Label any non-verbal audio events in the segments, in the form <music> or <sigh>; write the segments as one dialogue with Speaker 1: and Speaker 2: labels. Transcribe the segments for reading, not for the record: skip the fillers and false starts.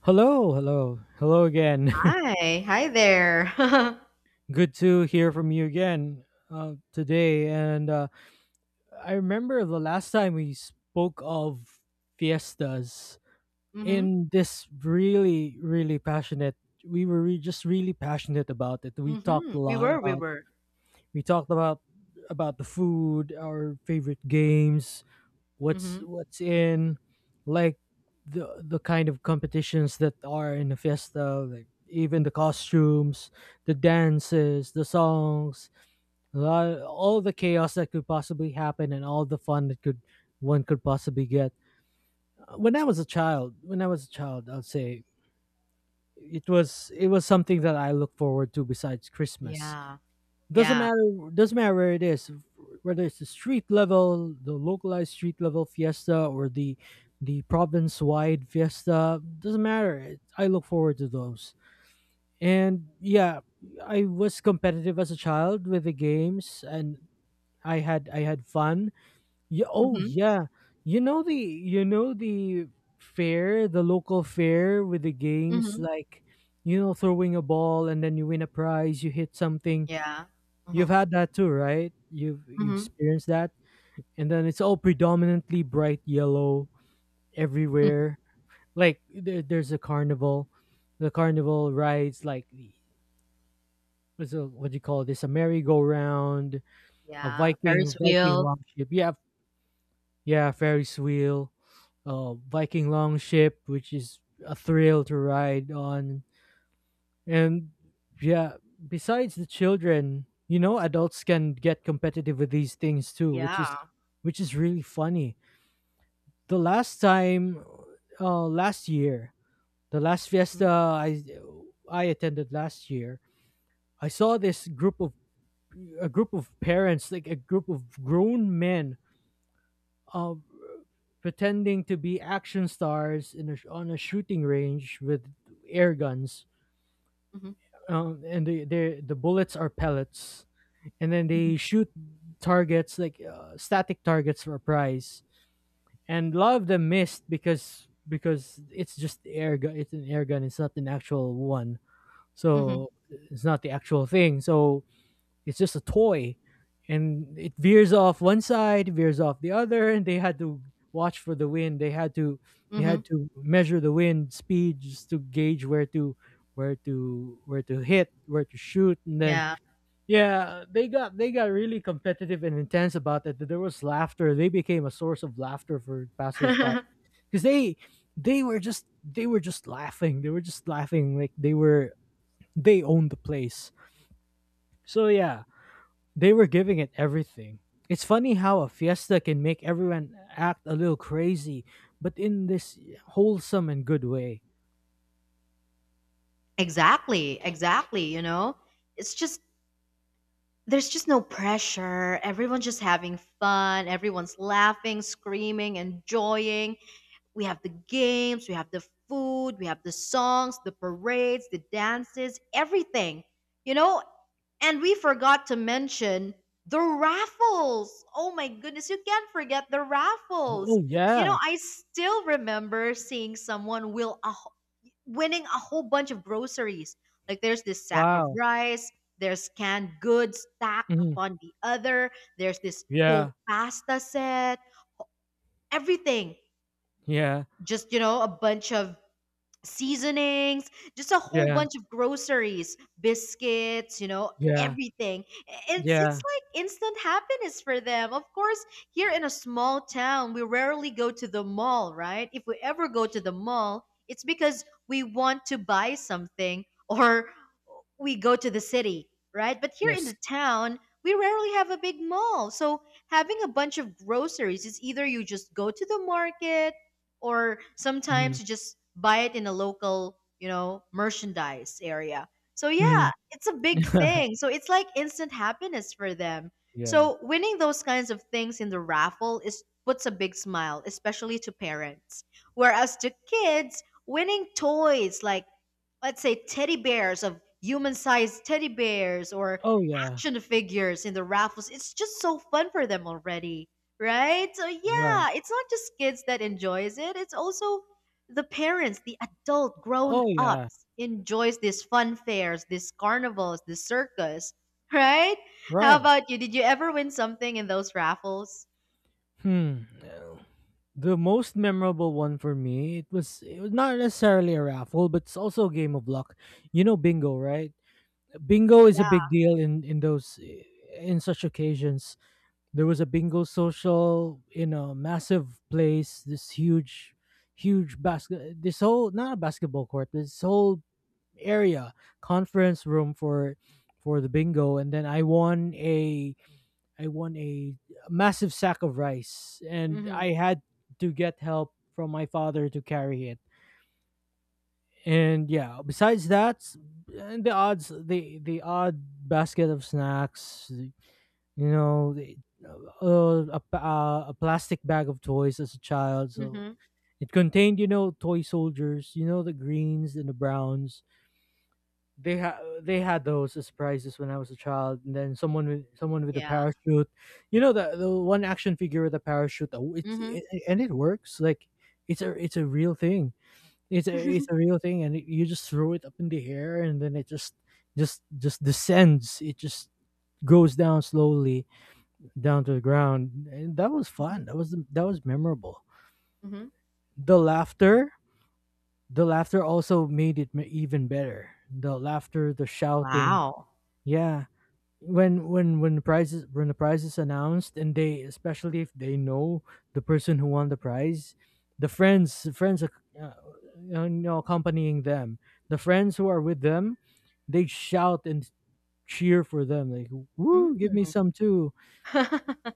Speaker 1: Hello, hello, hello again.
Speaker 2: Hi, hi there. <laughs>
Speaker 1: <laughs> Good to hear from you again today. And I remember the last time we spoke of fiestas
Speaker 2: Mhm,
Speaker 1: in this really, really passionate. Just really passionate about it. We talked a
Speaker 2: mhm. We
Speaker 1: lot
Speaker 2: were, we
Speaker 1: about.
Speaker 2: were.
Speaker 1: We talked about the food, our favorite games, what's
Speaker 2: Mhm.
Speaker 1: what's in, like, the kind of competitions that are in the fiesta, like even the costumes, the dances, the songs, all the chaos that could possibly happen and all the fun that could one could possibly get. When I was a child, I'd say it was something that I look forward to besides Christmas.
Speaker 2: Yeah,
Speaker 1: Doesn't
Speaker 2: yeah.
Speaker 1: matter. Doesn't matter where it is, whether it's the street level, the localized street level fiesta, or the province wide fiesta. Doesn't matter. I look forward to those. And yeah, I was competitive as a child with the games, and I had fun. Yeah, oh
Speaker 2: Mhm,
Speaker 1: yeah, you know the fair, the local fair with the games,
Speaker 2: mhm.
Speaker 1: like, you know, throwing a ball and then you win a prize, you hit something.
Speaker 2: Yeah.
Speaker 1: You've
Speaker 2: Mhm,
Speaker 1: had that too, right? You
Speaker 2: mhm,
Speaker 1: experienced that, and then it's all predominantly bright yellow
Speaker 2: <laughs>
Speaker 1: everywhere. Like there's a carnival, the carnival rides, like what's a, what do you call this? A merry-go-round, a
Speaker 2: Yeah.
Speaker 1: Viking
Speaker 2: Ferris
Speaker 1: Viking
Speaker 2: wheel.
Speaker 1: longship. Yeah, yeah, Ferris wheel, Viking longship, which is a thrill to ride on. And yeah, besides the children, you know, adults can get competitive with these things too,
Speaker 2: Yeah.
Speaker 1: which is really funny. The last time, last year, the last
Speaker 2: Mhm,
Speaker 1: fiesta I attended last year, I saw this group of, a group of parents, like a group of grown men, uh, pretending to be action stars in a, on a shooting range with air guns.
Speaker 2: mhm,
Speaker 1: The bullets are pellets, and then
Speaker 2: mhm,
Speaker 1: they shoot targets, like, static targets for a prize, and a lot of them missed because it's just air gun, it's an air gun, it's not an actual one,
Speaker 2: mhm,
Speaker 1: so it's not the actual thing, so it's just a toy, and it veers off one side, veers off the other, and they had to watch for the wind, they
Speaker 2: mhm.
Speaker 1: had to measure the wind speed just to gauge where to, where to hit, where to shoot. And then
Speaker 2: Yeah.
Speaker 1: yeah, they got really competitive and intense about it. There was laughter. They became a source of laughter for passersby
Speaker 2: <laughs>
Speaker 1: because they were just, laughing. They were just laughing like they were, they owned the place. So yeah, they were giving it everything. It's funny how a fiesta can make everyone act a little crazy, but in this wholesome and good way.
Speaker 2: Exactly, exactly. You know, it's just there's just no pressure. Everyone's just having fun. Everyone's laughing, screaming, enjoying. We have the games, we have the food, we have the songs, the parades, the dances, everything. You know, and we forgot to mention the raffles. Oh my goodness, you can't forget the raffles.
Speaker 1: Oh
Speaker 2: You know,
Speaker 1: yeah!
Speaker 2: I still remember seeing someone winning a whole bunch of groceries. Like there's this sack of
Speaker 1: Wow.
Speaker 2: rice, there's canned goods stacked
Speaker 1: Mhm.
Speaker 2: upon the other, there's this whole
Speaker 1: Yeah.
Speaker 2: pasta set, everything.
Speaker 1: Yeah.
Speaker 2: Just, a bunch of seasonings, just a whole
Speaker 1: Yeah.
Speaker 2: bunch of groceries, biscuits,
Speaker 1: Yeah.
Speaker 2: everything. It's
Speaker 1: Yeah.
Speaker 2: like instant happiness for them. Of course, here in a small town, we rarely go to the mall, right? If we ever go to the mall, it's because we want to buy something <laughs> or we go to the city, right? But here in
Speaker 1: Yes.
Speaker 2: the town, we rarely have a big mall. So having a bunch of groceries is either you just go to the market or sometimes
Speaker 1: Mhm.
Speaker 2: you just buy it in a local merchandise area. So yeah, it's a big thing. So it's like instant happiness for them.
Speaker 1: Yeah.
Speaker 2: So winning those kinds of things in the raffle is puts a big smile, especially to parents. Whereas to kids, winning toys like, let's say, teddy bears of human-sized teddy bears or
Speaker 1: Oh, yeah.
Speaker 2: action figures in the raffles, it's just so fun for them already, right? So
Speaker 1: Right.
Speaker 2: yeah, it's not just kids that enjoys it, it's also the parents, the adult
Speaker 1: Oh, yeah.
Speaker 2: grown-ups enjoys these fun fairs, these carnivals, this circus, <laughs> right? How
Speaker 1: Right.
Speaker 2: about you, did you ever win something in those raffles?
Speaker 1: Hmm. No. The most memorable one for me, it was not necessarily a raffle, but it's also a game of luck. You know bingo, right? Bingo is a big
Speaker 2: Yeah.
Speaker 1: deal in those in such occasions. There was a bingo social in a massive place, this huge, huge basket this whole, not a basketball court, this whole area, conference room for the bingo, and then I won a massive sack of rice, and
Speaker 2: Mm-hmm.
Speaker 1: I had to get help from my father to carry it. And yeah, besides that, and the odds, the odd basket of snacks, you know, a a plastic bag of toys as a child. So
Speaker 2: Hmm.
Speaker 1: it contained, you know, toy soldiers, you know, the greens and the browns, they had they had those as prizes when I was a child, and then someone with, someone with a
Speaker 2: Yeah.
Speaker 1: parachute, you know, the one action figure with a parachute. Oh, It's
Speaker 2: Mm-hmm.
Speaker 1: it, it- and it works like, it's a, it's a real thing. It's a real thing, and you just throw it up in the air, and then it just, just descends. It just goes down slowly, down to the ground, and that was fun. That was memorable.
Speaker 2: Hmm.
Speaker 1: The laughter, the laughter also made it, even better. The laughter, the
Speaker 2: <laughs>
Speaker 1: shouting,
Speaker 2: Wow.
Speaker 1: yeah, when, when the prize is, when the prize is announced, and they, especially if they know the person who won the prize, the friends, uh, you know, accompanying them, the friends who are with them, they shout and cheer for them, like, woo, give me
Speaker 2: Mm.
Speaker 1: some too.
Speaker 2: <laughs>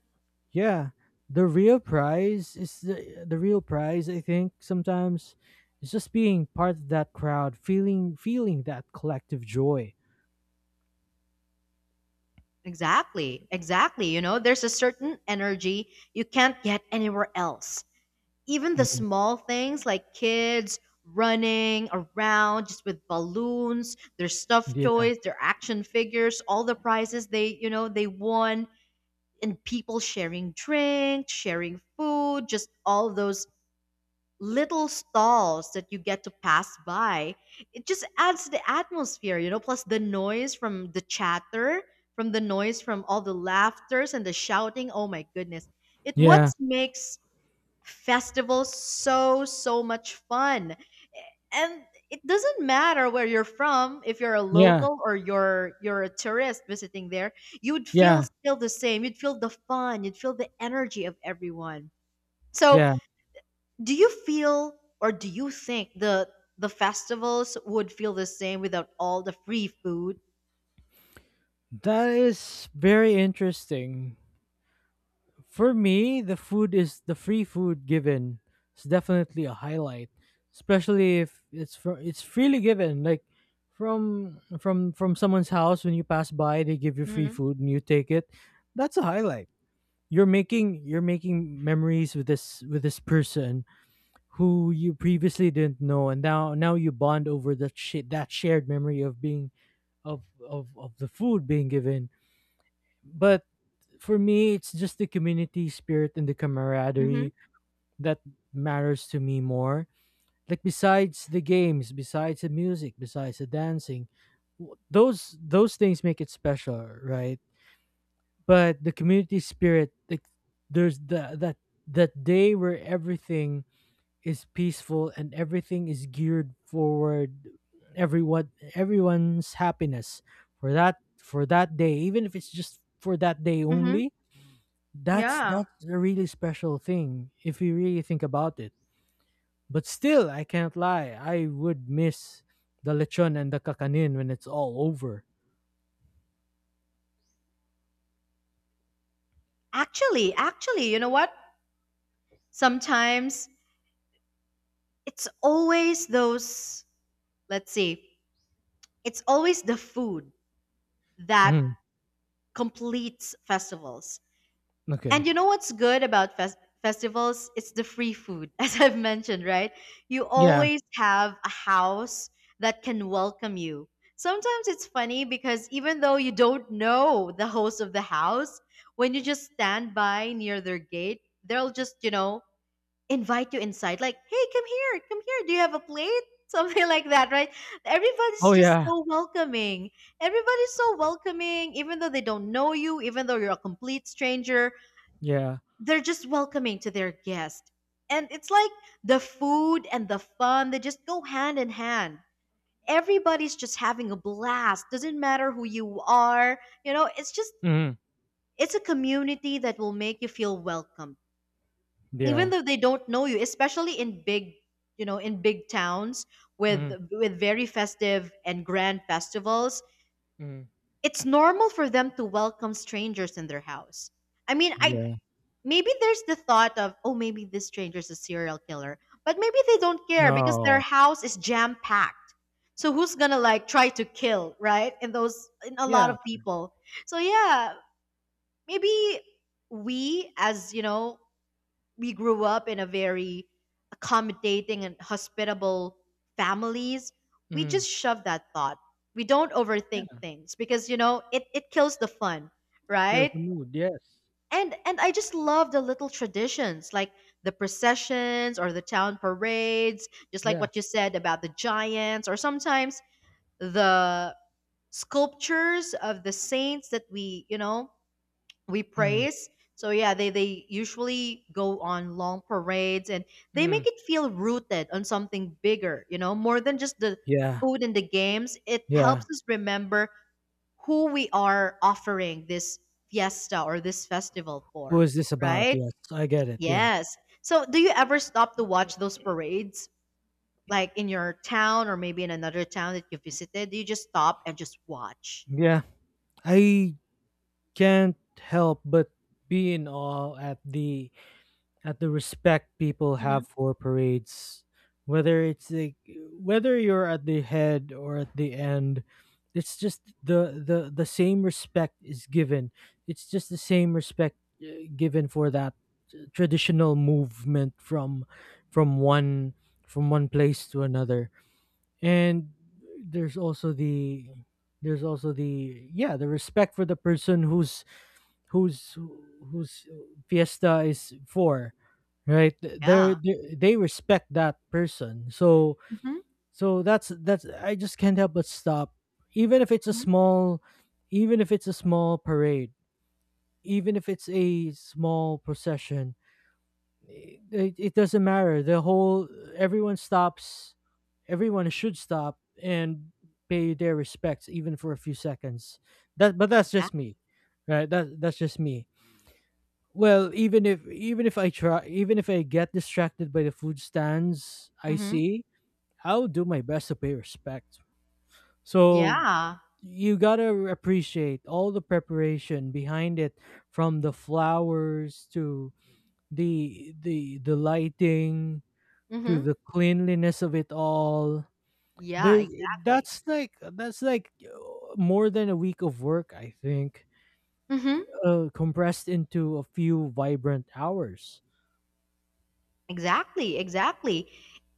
Speaker 1: Yeah, the real prize is the real prize, I think, sometimes it's just being part of that crowd, feeling, that collective joy.
Speaker 2: Exactly, exactly. You know, there's a certain energy you can't get anywhere else. Even the
Speaker 1: Mhm.
Speaker 2: small things like kids running around just with balloons, their stuffed
Speaker 1: Yeah.
Speaker 2: toys, their action figures, all the prizes they won, and people sharing drinks, sharing food, just all those little stalls that you get to pass by, it just adds to the atmosphere. Plus the noise from the chatter, from the noise from all the laughters and the shouting. Oh my goodness, it what
Speaker 1: Yeah.
Speaker 2: makes festivals so much fun. And it doesn't matter where you're from, if you're a
Speaker 1: Yeah.
Speaker 2: local or you're a tourist visiting there, you would feel
Speaker 1: Yeah.
Speaker 2: still the same. You'd feel the fun, you'd feel the energy of everyone. So
Speaker 1: Yeah.
Speaker 2: do you feel, or do you think the festivals would feel the same without all the free food?
Speaker 1: That is very interesting. For me, the food is the free food given. It's definitely a highlight, especially if it's for, it's freely given. Like from, from someone's house when you pass by, they give you free
Speaker 2: Mhm.
Speaker 1: food and you take it. That's a highlight. You're making, you're making memories with this, with this person who you previously didn't know, and now, you bond over that shared memory of being of the food being given. But for me, it's just the community spirit and the
Speaker 2: Mhm.
Speaker 1: camaraderie that matters to me more. Like, besides the games, besides the music, besides the dancing, those things make it special, right? But the community spirit, like, there's the that day where everything is peaceful and everything is geared forward, everyone's happiness for that, for that day even if it's just for that day
Speaker 2: Mhm.
Speaker 1: only, that's
Speaker 2: Yeah.
Speaker 1: that's a really special thing if you really think about it. But still, I can't lie. I would miss the lechon and the kakanin when it's all over.
Speaker 2: Actually, actually, you know what? Sometimes it's always those, let's see. It's always the food that
Speaker 1: Mm,
Speaker 2: completes festivals. And
Speaker 1: okay.
Speaker 2: you know what's good about festivals? It's the free food, <laughs> as I've mentioned, right? You
Speaker 1: Yeah.
Speaker 2: always have a house that can welcome you. Sometimes it's funny because even though you don't know the host of the house, when you just stand by near their gate, they'll just invite you inside, like, hey, come here, come here. Do you have a plate? <laughs> Something like that, right? Everybody's
Speaker 1: Oh
Speaker 2: just
Speaker 1: yeah.
Speaker 2: so welcoming. Everybody's so welcoming, even though they don't know you, even though you're a complete stranger,
Speaker 1: Yeah.
Speaker 2: they're just welcoming to their guest. And it's like the food and the fun, they just go hand in hand. Everybody's just having a blast. Doesn't matter who you are.
Speaker 1: Mm,
Speaker 2: It's a community that will make you feel welcome. Even
Speaker 1: yeah.
Speaker 2: though they don't know you, especially in big, in big towns with
Speaker 1: Mm,
Speaker 2: with very festive and grand festivals,
Speaker 1: mm,
Speaker 2: it's normal for them to welcome strangers in their house. I mean, I
Speaker 1: yeah.
Speaker 2: maybe there's the thought of, oh, maybe this stranger's a serial killer. But maybe they don't care because their
Speaker 1: No.
Speaker 2: house is jam packed. So who's gonna like try to kill, right? And those in a lot
Speaker 1: Yeah.
Speaker 2: of people. So yeah, maybe we as you know, we grew up in a very accommodating and hospitable families. We
Speaker 1: Mm,
Speaker 2: just shove that thought. We don't overthink
Speaker 1: yeah.
Speaker 2: things because you know it kills the fun,
Speaker 1: Kills
Speaker 2: right?
Speaker 1: the mood. Yes.
Speaker 2: And I just love the little traditions like the processions or the town parades, just like
Speaker 1: Yeah.
Speaker 2: what you said about the giants or sometimes the sculptures of the saints that we
Speaker 1: Mm,
Speaker 2: praise. So yeah, they usually go on long parades and they make
Speaker 1: mm,
Speaker 2: it feel rooted on something bigger, more than just the
Speaker 1: yeah.
Speaker 2: food and the games. It
Speaker 1: Yeah.
Speaker 2: helps us remember who we are offering this fiesta or this festival
Speaker 1: Who
Speaker 2: for,
Speaker 1: is this about?
Speaker 2: right?
Speaker 1: Yes, I get it. Yeah.
Speaker 2: Yes. So, do you ever stop to watch those parades, like in your town or maybe in another town that you visited? Do you just stop and just watch?
Speaker 1: Yeah. I can't help but be in awe at the, at the respect people
Speaker 2: Hmm.
Speaker 1: have for parades, whether it's like, whether you're at the head or at the end, it's just the, the same respect is given. It's just the same respect, uh, given for that traditional movement from, from one from one place to another. And there's also the, there's also the yeah, the respect for the person whose, whose whose fiesta is for, right? They're,
Speaker 2: Yeah.
Speaker 1: they respect that person. So,
Speaker 2: Hmm.
Speaker 1: that's I just can't help but stop, even if it's a
Speaker 2: Hmm.
Speaker 1: small, even if it's a small parade, even if it's a small procession. It doesn't matter, the whole, everyone stops everyone should stop and pay their respects, even for a few seconds. That, but that's just me, right? That's just me. Well, even if, even if I try, even if I get distracted by the food stands I
Speaker 2: Hmm.
Speaker 1: see, I'll do my best to pay respect. So
Speaker 2: Yeah.
Speaker 1: you gotta appreciate all the preparation behind it, from the flowers to the, the lighting, to
Speaker 2: Hmm.
Speaker 1: the cleanliness of it all.
Speaker 2: Yeah.
Speaker 1: There's,
Speaker 2: Exactly.
Speaker 1: that's like, more than a week of work, I think,
Speaker 2: Hmm.
Speaker 1: compressed into a few vibrant hours.
Speaker 2: Exactly. Exactly.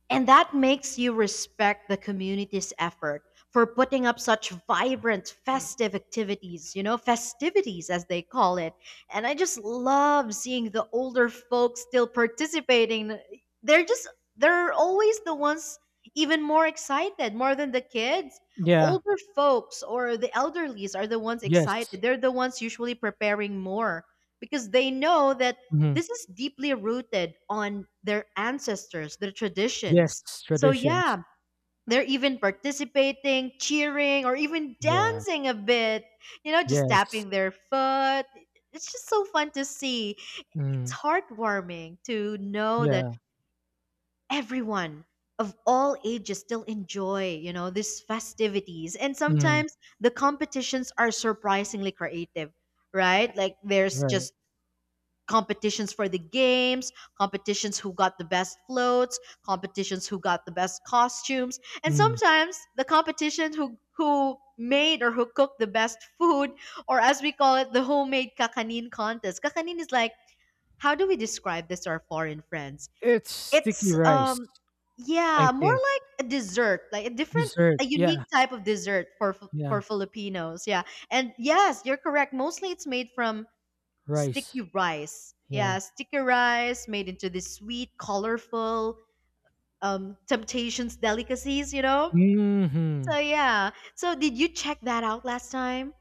Speaker 2: And that makes you respect the community's effort for putting up such vibrant festive activities, festivities as they call it. And I just love seeing the older folks still participating. They're just, they're always the ones even more excited, more than the kids.
Speaker 1: Yeah.
Speaker 2: Older folks or the elderlies are the ones
Speaker 1: Yes.
Speaker 2: excited. They're the ones usually preparing more because they know that
Speaker 1: Mhm.
Speaker 2: this is deeply rooted on their ancestors, their traditions.
Speaker 1: Yes,
Speaker 2: So
Speaker 1: traditions.
Speaker 2: yeah, they're even participating, cheering, or even
Speaker 1: Yeah.
Speaker 2: dancing a bit, just
Speaker 1: Yes.
Speaker 2: tapping their foot. It's just so fun to see. It's
Speaker 1: Mm.
Speaker 2: heartwarming to know that
Speaker 1: Yeah.
Speaker 2: everyone of all ages still enjoy, these festivities. And
Speaker 1: Mm.
Speaker 2: sometimes the competitions are surprisingly creative, right? Like there's
Speaker 1: Right.
Speaker 2: just competitions for the games, competitions who got the best floats, competitions who got the best costumes, and
Speaker 1: Mm.
Speaker 2: sometimes the competition who made or who cooked the best food, or as we call it, the homemade kakanin contest. Kakanin is like, how do we describe this to our foreign friends?
Speaker 1: It's sticky
Speaker 2: It's
Speaker 1: rice, I
Speaker 2: yeah, more
Speaker 1: think.
Speaker 2: like a dessert, like
Speaker 1: Dessert.
Speaker 2: a
Speaker 1: Yeah.
Speaker 2: unique type of dessert for for
Speaker 1: Yeah.
Speaker 2: Filipinos. Yeah. And yes, you're correct. Mostly it's made from sticky
Speaker 1: Rice.
Speaker 2: rice. Yeah,
Speaker 1: Yeah.
Speaker 2: sticky rice made into this sweet, colorful temptations delicacies, you know?
Speaker 1: Mhm.
Speaker 2: So, yeah. So, did you check that out last time?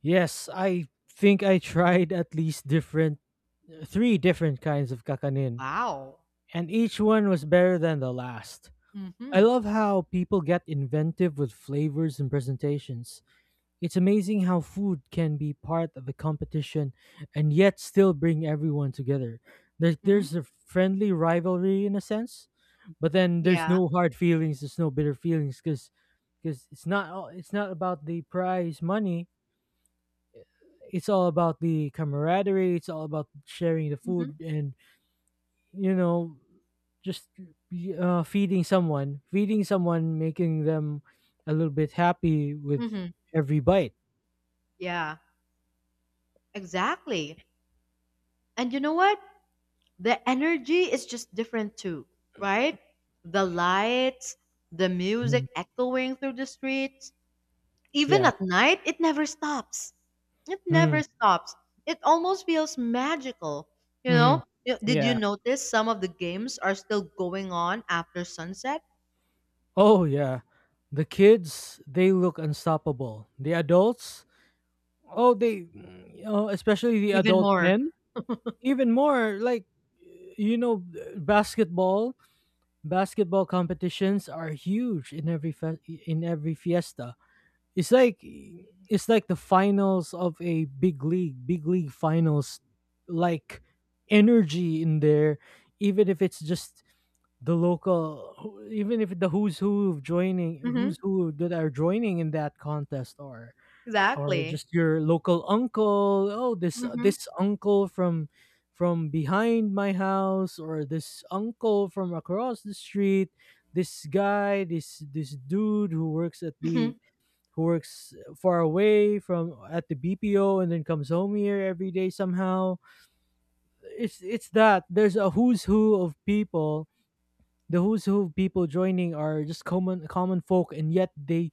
Speaker 1: Yes, I think I tried at least different three different kinds of kakanin,
Speaker 2: Wow.
Speaker 1: and each one was better than the last.
Speaker 2: Mm
Speaker 1: I
Speaker 2: hmm.
Speaker 1: love how people get inventive with flavors and presentations. It's amazing how food can be part of a competition and yet still bring everyone together.
Speaker 2: Mm hmm.
Speaker 1: There's a friendly rivalry in a sense, but then there's
Speaker 2: Yeah.
Speaker 1: no hard feelings, there's no bitter feelings, because it's not all- it's not about the prize money. It's all about the camaraderie. It's all about sharing the
Speaker 2: Mm hmm.
Speaker 1: food and, you know, just feeding someone, making them a little bit happy with
Speaker 2: Mm hmm.
Speaker 1: every bite.
Speaker 2: Yeah, exactly. And you know what? The energy is just different too, right? The lights, the
Speaker 1: Mm.
Speaker 2: music echoing through the streets. Even
Speaker 1: Yeah.
Speaker 2: at night, it never stops. It never
Speaker 1: Mm.
Speaker 2: stops. It almost feels magical, you
Speaker 1: Hmm.
Speaker 2: know? Did you
Speaker 1: Yeah.
Speaker 2: notice some of the games are still going on after sunset?
Speaker 1: Oh, yeah. The kids, they look unstoppable. The adults, oh, they, you know, especially the
Speaker 2: Even
Speaker 1: adult
Speaker 2: more.
Speaker 1: men, even more, like, you know, basketball, basketball competitions are huge in every in every fiesta. It's like, it's like the finals of a big league finals, like, energy in there, even if it's just the local, even if the who's who of joining,
Speaker 2: Hmm.
Speaker 1: who's who that are joining in that contest, or
Speaker 2: Exactly.
Speaker 1: just your local uncle. Oh, this
Speaker 2: Hmm.
Speaker 1: this uncle from, behind my house, or this uncle from across the street. This guy, this dude who works at the,
Speaker 2: Hmm.
Speaker 1: who works far away from at the BPO and then comes home here every day somehow. It's that there's a who's who of people. The who's who of people joining are just common folk, and yet they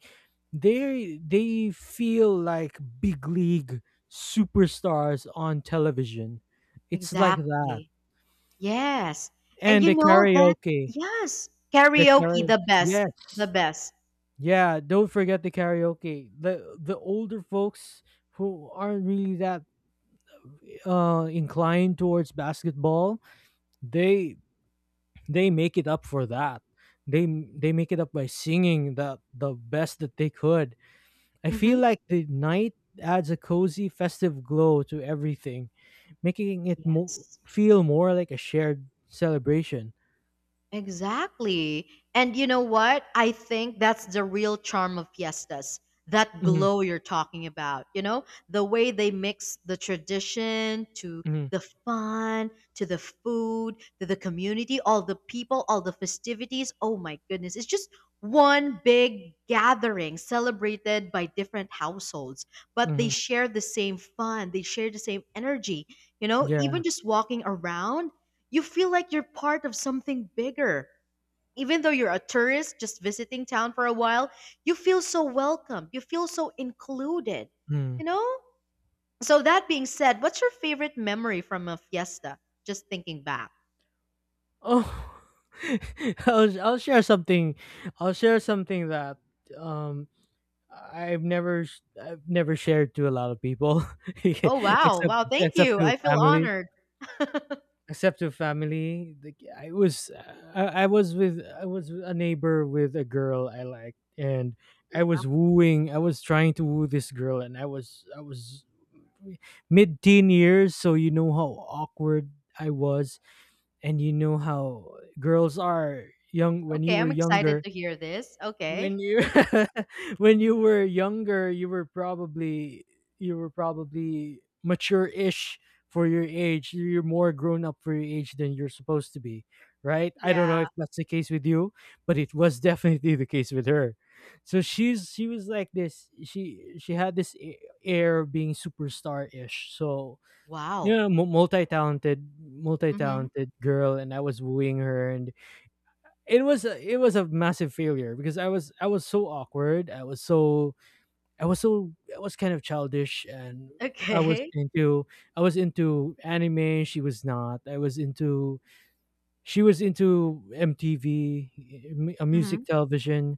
Speaker 1: they they feel like big league superstars on television. It's like that,
Speaker 2: Exactly. Yes. And
Speaker 1: and
Speaker 2: you
Speaker 1: the
Speaker 2: know that,
Speaker 1: karaoke,
Speaker 2: yes,
Speaker 1: the
Speaker 2: karaoke,
Speaker 1: karaoke.
Speaker 2: the best,
Speaker 1: Yes,
Speaker 2: the best.
Speaker 1: yeah. Don't forget the karaoke. The older folks who aren't really that inclined towards basketball, they make it up for that. They they make it up by singing the best that they could. I feel
Speaker 2: Hmm.
Speaker 1: like the night adds a cozy, festive glow to everything, making it
Speaker 2: Yes.
Speaker 1: feel more like a shared celebration.
Speaker 2: Exactly. And you know what? I think that's the real charm of fiestas. That
Speaker 1: Mm-hmm,
Speaker 2: glow you're talking about, the way they mix the tradition to
Speaker 1: mm-hmm,
Speaker 2: the fun, to the food, to the community, all the people, all the festivities. Oh my goodness. It's just one big gathering celebrated by different households, but they
Speaker 1: mm-hmm.
Speaker 2: share the same fun, they share the same energy. Even
Speaker 1: Yeah.
Speaker 2: just walking around, you feel like you're part of something bigger. Even though you're a tourist just visiting town for a while, you feel so welcome. You feel so included,
Speaker 1: Mm.
Speaker 2: you know? So, that being said, what's your favorite memory from a fiesta? Just thinking back.
Speaker 1: Oh, <laughs> I'll share something. I'll share something that um I've never sh- I've never shared to a lot of people <laughs>
Speaker 2: Oh, wow.
Speaker 1: except
Speaker 2: Wow. Thank
Speaker 1: except
Speaker 2: you.
Speaker 1: to
Speaker 2: I feel
Speaker 1: family
Speaker 2: honored.
Speaker 1: except to family, like I was I was with I was a neighbor with a girl I liked, and I was trying to woo this girl, and I was mid teen years, so you know how awkward I was, and you know how girls are young when you
Speaker 2: Okay.
Speaker 1: were
Speaker 2: I'm excited
Speaker 1: younger
Speaker 2: to hear this. Okay.
Speaker 1: when you <laughs> when you were younger, you were probably mature-ish for your age, you're more grown up for your age than you're supposed to be, right? I don't
Speaker 2: Yeah.
Speaker 1: know if that's the case with you, but it was <laughs> definitely the case with her. So she was like this, she had this air of being superstar-ish, so you
Speaker 2: Wow.
Speaker 1: know
Speaker 2: Mm-hmm. <laughs>
Speaker 1: multi-talented girl, and I was wooing her, and it was a massive failure because I was so awkward. I was so I was kind of childish, and I was
Speaker 2: Okay.
Speaker 1: into I was into anime. She was not. I was into She was into MTV, music
Speaker 2: Mm-hmm.
Speaker 1: television.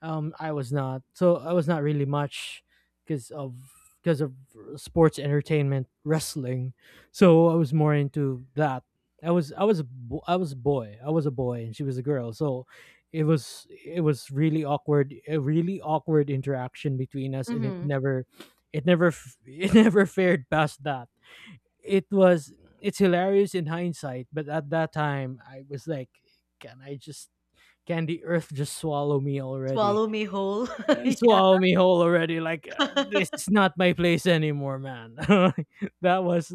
Speaker 1: I was not, so I was not really much because of because of sports entertainment, wrestling. So I was more into that. I was a I was a boy. I was a boy, and she was a girl. So it was really awkward, a really awkward interaction between us, and it
Speaker 2: Mm-hmm.
Speaker 1: never <laughs> it never fared past that. it was it's hilarious in hindsight, but at that time I was like, can I just can the earth just swallow me already?
Speaker 2: Swallow me whole.
Speaker 1: Swallow
Speaker 2: <laughs>
Speaker 1: me whole already. Like
Speaker 2: Yeah.
Speaker 1: this
Speaker 2: <laughs>
Speaker 1: is not my place anymore, man. <laughs> that was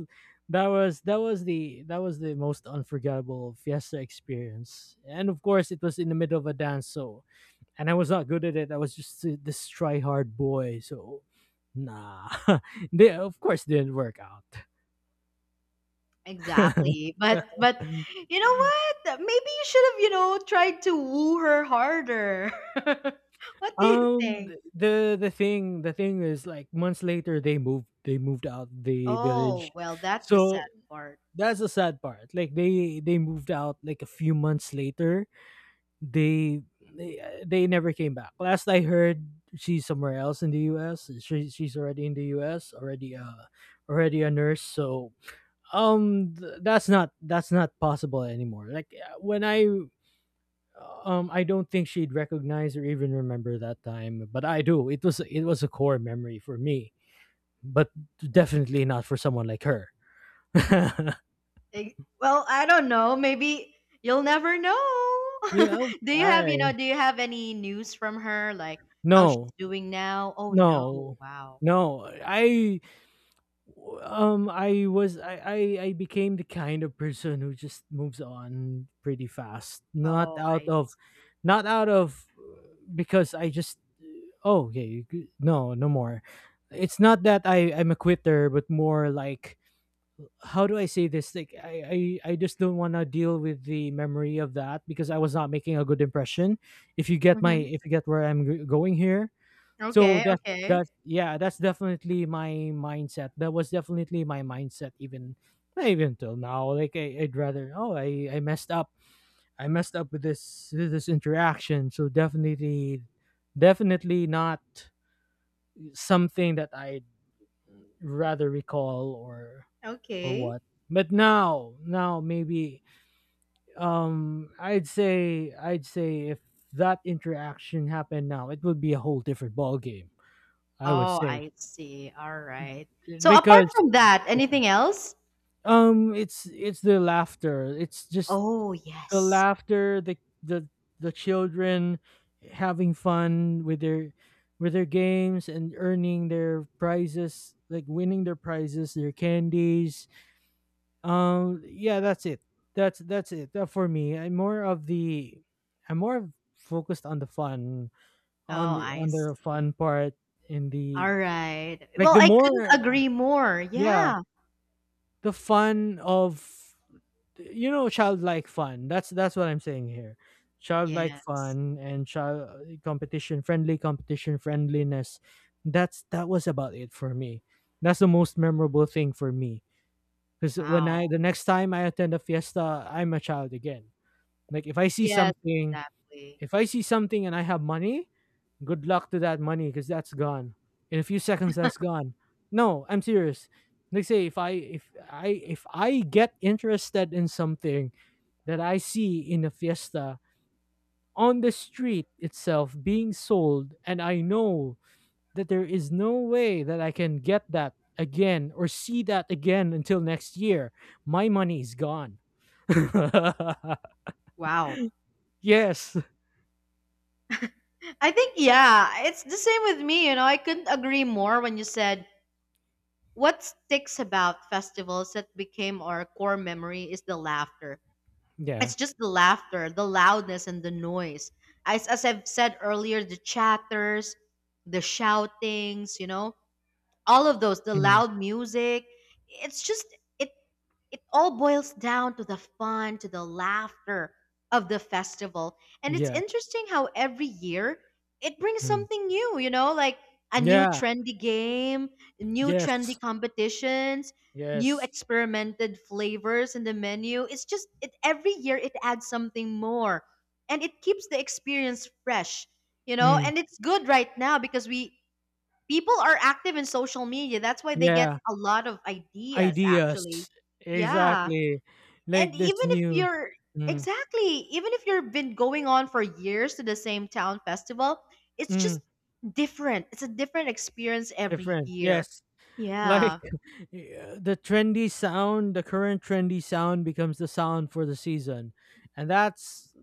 Speaker 1: that was the that was the most unforgettable fiesta experience. And of course it was in the middle of a dance, so and I was not good at it. I was just this try hard boy, so nah. <laughs> They, of course, didn't work out.
Speaker 2: Exactly. But
Speaker 1: <laughs>
Speaker 2: you know what? Maybe you should have, tried to woo her harder. <laughs> What do you think?
Speaker 1: The thing is like months later, they moved out the
Speaker 2: Oh,
Speaker 1: village,
Speaker 2: well, that's the sad
Speaker 1: so
Speaker 2: part.
Speaker 1: that's the sad part. Like they moved out like a few months later. They they never came back. Last I heard, she's somewhere else in the U.S. She's already in the U.S. already, already a nurse. So that's not possible anymore. Like when I don't think she'd recognize or even remember that time, but I do. It was a core memory for me, but definitely not for someone like her. <laughs>
Speaker 2: Eh, well, I don't know. Maybe you'll never know.
Speaker 1: Yeah,
Speaker 2: <laughs> Do you have, you know,
Speaker 1: I
Speaker 2: do you have any news from her, like how she's
Speaker 1: no,
Speaker 2: doing now? Oh no.
Speaker 1: no,
Speaker 2: Wow.
Speaker 1: no. I was I became the kind of person who just moves on pretty fast, not
Speaker 2: Oh,
Speaker 1: out
Speaker 2: I
Speaker 1: of,
Speaker 2: see.
Speaker 1: not out of, because I just oh yeah you, no no more. It's not that I'm a quitter, but more like how do I say this, like I just don't want to deal with the memory of that, because I was not making a good impression, if you get my
Speaker 2: Mm-hmm.
Speaker 1: if you get where I'm going here. So
Speaker 2: Okay, okay.
Speaker 1: that's yeah that's definitely my mindset, that was definitely my mindset even, not even till now, like I, I'd rather oh I messed up, I messed up with this interaction, so definitely not something that I'd rather recall or
Speaker 2: Okay.
Speaker 1: what. But now, now maybe I'd say if that interaction happened now, it would be a whole different ball game. I would
Speaker 2: Oh,
Speaker 1: say
Speaker 2: I see. All right. So apart
Speaker 1: because,
Speaker 2: from that, anything else?
Speaker 1: um, it's the laughter. It's just
Speaker 2: Oh,
Speaker 1: the
Speaker 2: yes.
Speaker 1: laughter, the the the children having fun with their games and earning their prizes, like winning their prizes, their candies. Yeah, that's it. That's it for me. I'm more of the I'm more focused on the fun, on
Speaker 2: Oh,
Speaker 1: the
Speaker 2: I see.
Speaker 1: fun part in
Speaker 2: All
Speaker 1: the
Speaker 2: right.
Speaker 1: like
Speaker 2: Well,
Speaker 1: the
Speaker 2: I couldn't
Speaker 1: more
Speaker 2: agree more.
Speaker 1: yeah
Speaker 2: Yeah.
Speaker 1: the fun of you know childlike fun, that's what I'm saying here, childlike
Speaker 2: Yes.
Speaker 1: fun and child competition, friendly competition, friendliness, that's that was about it for me, that's the most memorable thing for me, because when I
Speaker 2: Wow.
Speaker 1: the next time I attend a fiesta I'm a child again. Like if I see
Speaker 2: Yes,
Speaker 1: something
Speaker 2: exactly.
Speaker 1: and I have money, good luck to that money because that's gone. In a few seconds, that's gone. No, I'm serious. Like say if I get interested in something that I see in a fiesta on the street itself being sold, and I know that there is no way that I can get that again or see that again until next year, my money is gone. <laughs>
Speaker 2: Wow.
Speaker 1: Yes.
Speaker 2: I think, yeah, it's the same with me. I couldn't agree more when you said what sticks about festivals that became our core memory is the laughter.
Speaker 1: Yeah.
Speaker 2: It's just the laughter, the loudness, and the noise. As I've said earlier, the chatters, the shoutings, all of those the
Speaker 1: Mhm.
Speaker 2: loud music it's just it it all boils down to the fun, to the laughter of the festival. And it's
Speaker 1: Yeah.
Speaker 2: interesting how every year it brings
Speaker 1: Mm.
Speaker 2: something new, like a new
Speaker 1: Yeah.
Speaker 2: trendy game, new trendy
Speaker 1: Yes.
Speaker 2: competitions, new
Speaker 1: Yes.
Speaker 2: experimented flavors in the menu. It's just it every year it adds something more and it keeps the experience fresh,
Speaker 1: Mm.
Speaker 2: and it's good right now because we people are active in social media. That's why they get
Speaker 1: Yeah,
Speaker 2: a lot of ideas, actually.
Speaker 1: ideas.
Speaker 2: Yeah.
Speaker 1: Exactly.
Speaker 2: And
Speaker 1: Like this
Speaker 2: even if
Speaker 1: new
Speaker 2: you're,
Speaker 1: mm,
Speaker 2: exactly, even if you've been going on for years to the same town festival, it's just
Speaker 1: mm,
Speaker 2: different. It's a different experience every
Speaker 1: different.
Speaker 2: year.
Speaker 1: Yes. Like
Speaker 2: Yeah.
Speaker 1: <laughs> yeah, the trendy sound, the current trendy sound becomes the sound for the season. And that's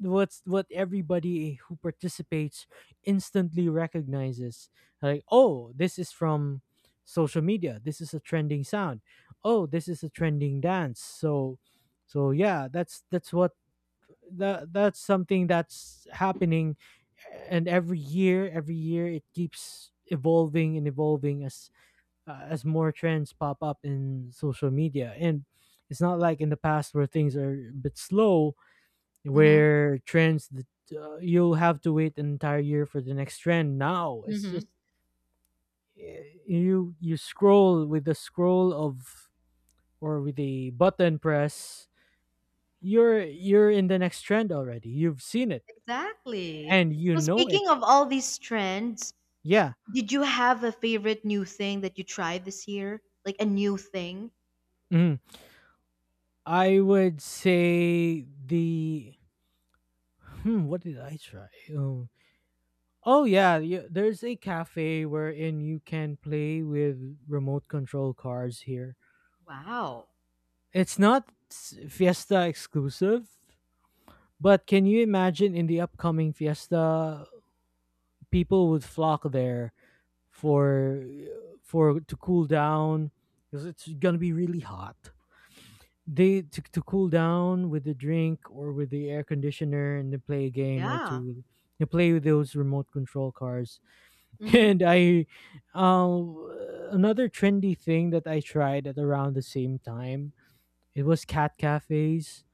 Speaker 1: what everybody who participates instantly recognizes. Like, oh, this is from social media. This is a trending sound. Oh, this is a trending dance. So yeah, that's what that that's something that's happening, and every year it keeps evolving and evolving as more trends pop up in social media, and it's not like in the past where things are a bit slow,
Speaker 2: Mm-hmm.
Speaker 1: where trends that you'll have to wait an entire year for the next trend, now it's
Speaker 2: Mm-hmm.
Speaker 1: just, you scroll with the scroll of or with the button press, you're in the next trend already, you've seen it
Speaker 2: Exactly.
Speaker 1: and you
Speaker 2: So,
Speaker 1: know it.
Speaker 2: speaking of all these trends,
Speaker 1: Yeah.
Speaker 2: did you have a favorite new thing that you tried this year? Like a new thing?
Speaker 1: Mhm. I would say the hmm, what did I try? Oh, oh yeah, yeah, there's a cafe wherein you can play with remote control cars here.
Speaker 2: Wow.
Speaker 1: It's not Fiesta exclusive, but can you imagine in the upcoming Fiesta people would flock there for to cool down because it's going to be really hot. They to cool down with the drink or with the air conditioner, and to play a game or
Speaker 2: Yeah.
Speaker 1: to play with those remote control cars. <laughs>
Speaker 2: Mm-hmm.
Speaker 1: And I um another trendy thing that I tried at around the same time, it was cat cafes,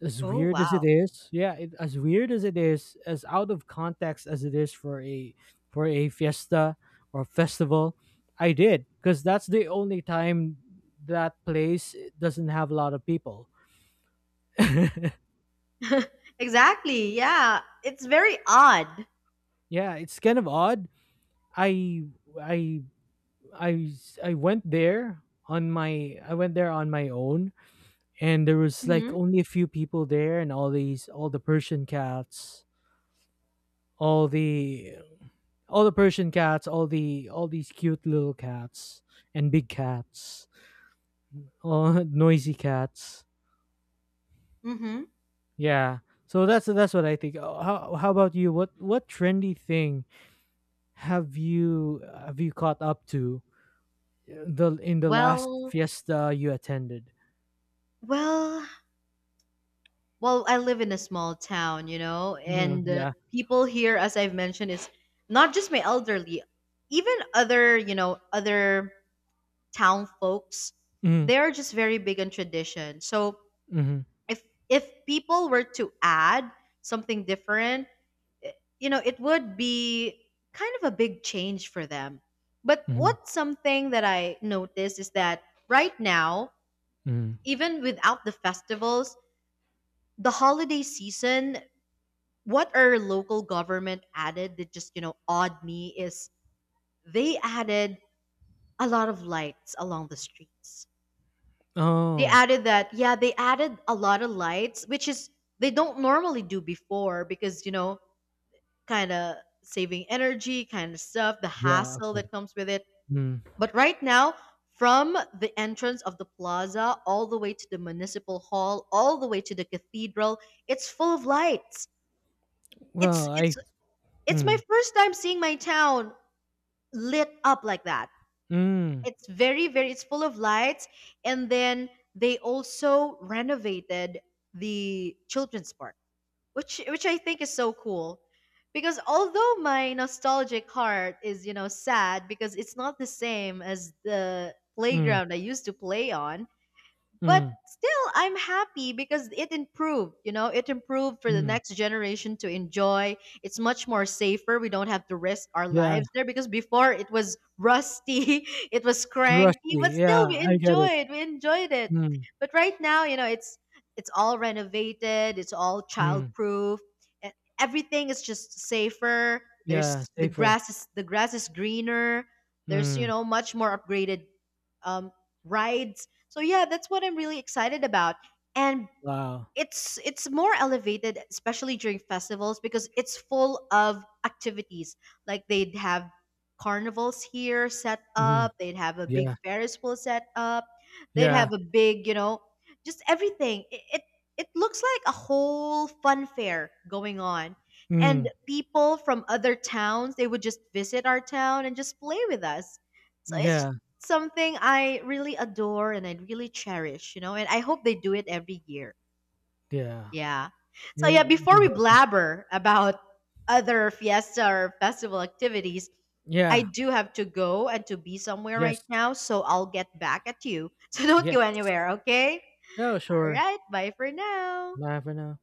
Speaker 1: as
Speaker 2: Oh,
Speaker 1: weird as it
Speaker 2: wow.
Speaker 1: is, as weird as it is, as out of context as it is for a fiesta or festival, I did, because that's the only time that place doesn't have a lot of people. <laughs>
Speaker 2: <laughs> Exactly. Yeah. It's very odd.
Speaker 1: Yeah, it's kind of odd. I I I I went there on my I went there on my own, and there was like
Speaker 2: Mhm.
Speaker 1: only a few people there, and all these all the Persian cats, all the Persian cats, all the all these cute little cats and big cats, all <laughs> noisy cats.
Speaker 2: Mhm.
Speaker 1: Yeah. So that's what I think. How how about you? What trendy thing have you caught up to? The in the last
Speaker 2: Well,
Speaker 1: fiesta you attended.
Speaker 2: well, well, I live in a small town, you know,
Speaker 1: Mhm,
Speaker 2: and
Speaker 1: yeah.
Speaker 2: people here, as I've mentioned, is not just my elderly, even other, you know, other town folks,
Speaker 1: Mhm,
Speaker 2: they are just very big on tradition. So,
Speaker 1: mhm,
Speaker 2: if if people were to add something different, eh, you know, it would be kind of a big change for them. But
Speaker 1: mhm,
Speaker 2: what's something that I noticed is that right now,
Speaker 1: mhm.
Speaker 2: even without the festivals, the holiday season, what our local government added that just, you know, awed me is they added a lot of lights along the streets. They
Speaker 1: Oh,
Speaker 2: added that, yeah, they added a lot of lights, which is they don't normally do before because, you know, kind of saving energy kind of stuff, the
Speaker 1: yeah.
Speaker 2: hassle that
Speaker 1: Okay.
Speaker 2: comes with it.
Speaker 1: Mm.
Speaker 2: But right now, from the entrance of the plaza all the way to the municipal hall, all the way to the cathedral, it's full of lights. It's
Speaker 1: Well,
Speaker 2: it's
Speaker 1: I.
Speaker 2: it's my
Speaker 1: Mm,
Speaker 2: first time seeing my town lit up like that.
Speaker 1: mm,
Speaker 2: It's very very it's full of lights. And then they also renovated the children's park, which I think is so cool. Because although my nostalgic heart is, you know, sad because it's not the same as the
Speaker 1: mm,
Speaker 2: playground I used to play on, but
Speaker 1: mm,
Speaker 2: still I'm happy because it improved, you know, it improved for the
Speaker 1: mm.
Speaker 2: next generation to enjoy. It's much more safer, we don't have to risk our
Speaker 1: Yeah,
Speaker 2: lives there, because before it was rusty, <laughs> it was cranky,
Speaker 1: rusty.
Speaker 2: but
Speaker 1: Yeah,
Speaker 2: still we
Speaker 1: I get it.
Speaker 2: enjoyed we enjoyed it.
Speaker 1: Mm,
Speaker 2: But right now, you know, it's all renovated, it's all
Speaker 1: mm.
Speaker 2: childproof. e- Everything is just safer.
Speaker 1: Yeah,
Speaker 2: There's
Speaker 1: safer.
Speaker 2: the grass is greener. There's, you
Speaker 1: Mm.
Speaker 2: know, much more upgraded um rides. So yeah, that's what I'm really excited about. And
Speaker 1: Wow.
Speaker 2: it's more elevated especially during festivals because it's full of activities. Like they'd have carnivals here set
Speaker 1: Mm.
Speaker 2: up, they'd have a big
Speaker 1: Yeah.
Speaker 2: ferris wheel set up, they'd
Speaker 1: Yeah.
Speaker 2: have a big, you know, just everything. It looks like a whole fun fair going on, and
Speaker 1: Mm.
Speaker 2: people from other towns, they would just visit our town and just play with us. So it's
Speaker 1: Yeah.
Speaker 2: something I really adore and I really cherish, you know, and I hope they do it every year.
Speaker 1: Yeah.
Speaker 2: Yeah. So yeah,
Speaker 1: You.
Speaker 2: before
Speaker 1: You
Speaker 2: we
Speaker 1: know.
Speaker 2: blabber about other fiesta or festival activities, I
Speaker 1: Yeah.
Speaker 2: do have to go and to be somewhere right
Speaker 1: Yes.
Speaker 2: now, so I'll get back at you. <laughs> So don't
Speaker 1: Yes.
Speaker 2: go anywhere, okay?
Speaker 1: Oh,
Speaker 2: All
Speaker 1: sure.
Speaker 2: right, bye for now.
Speaker 1: Laughing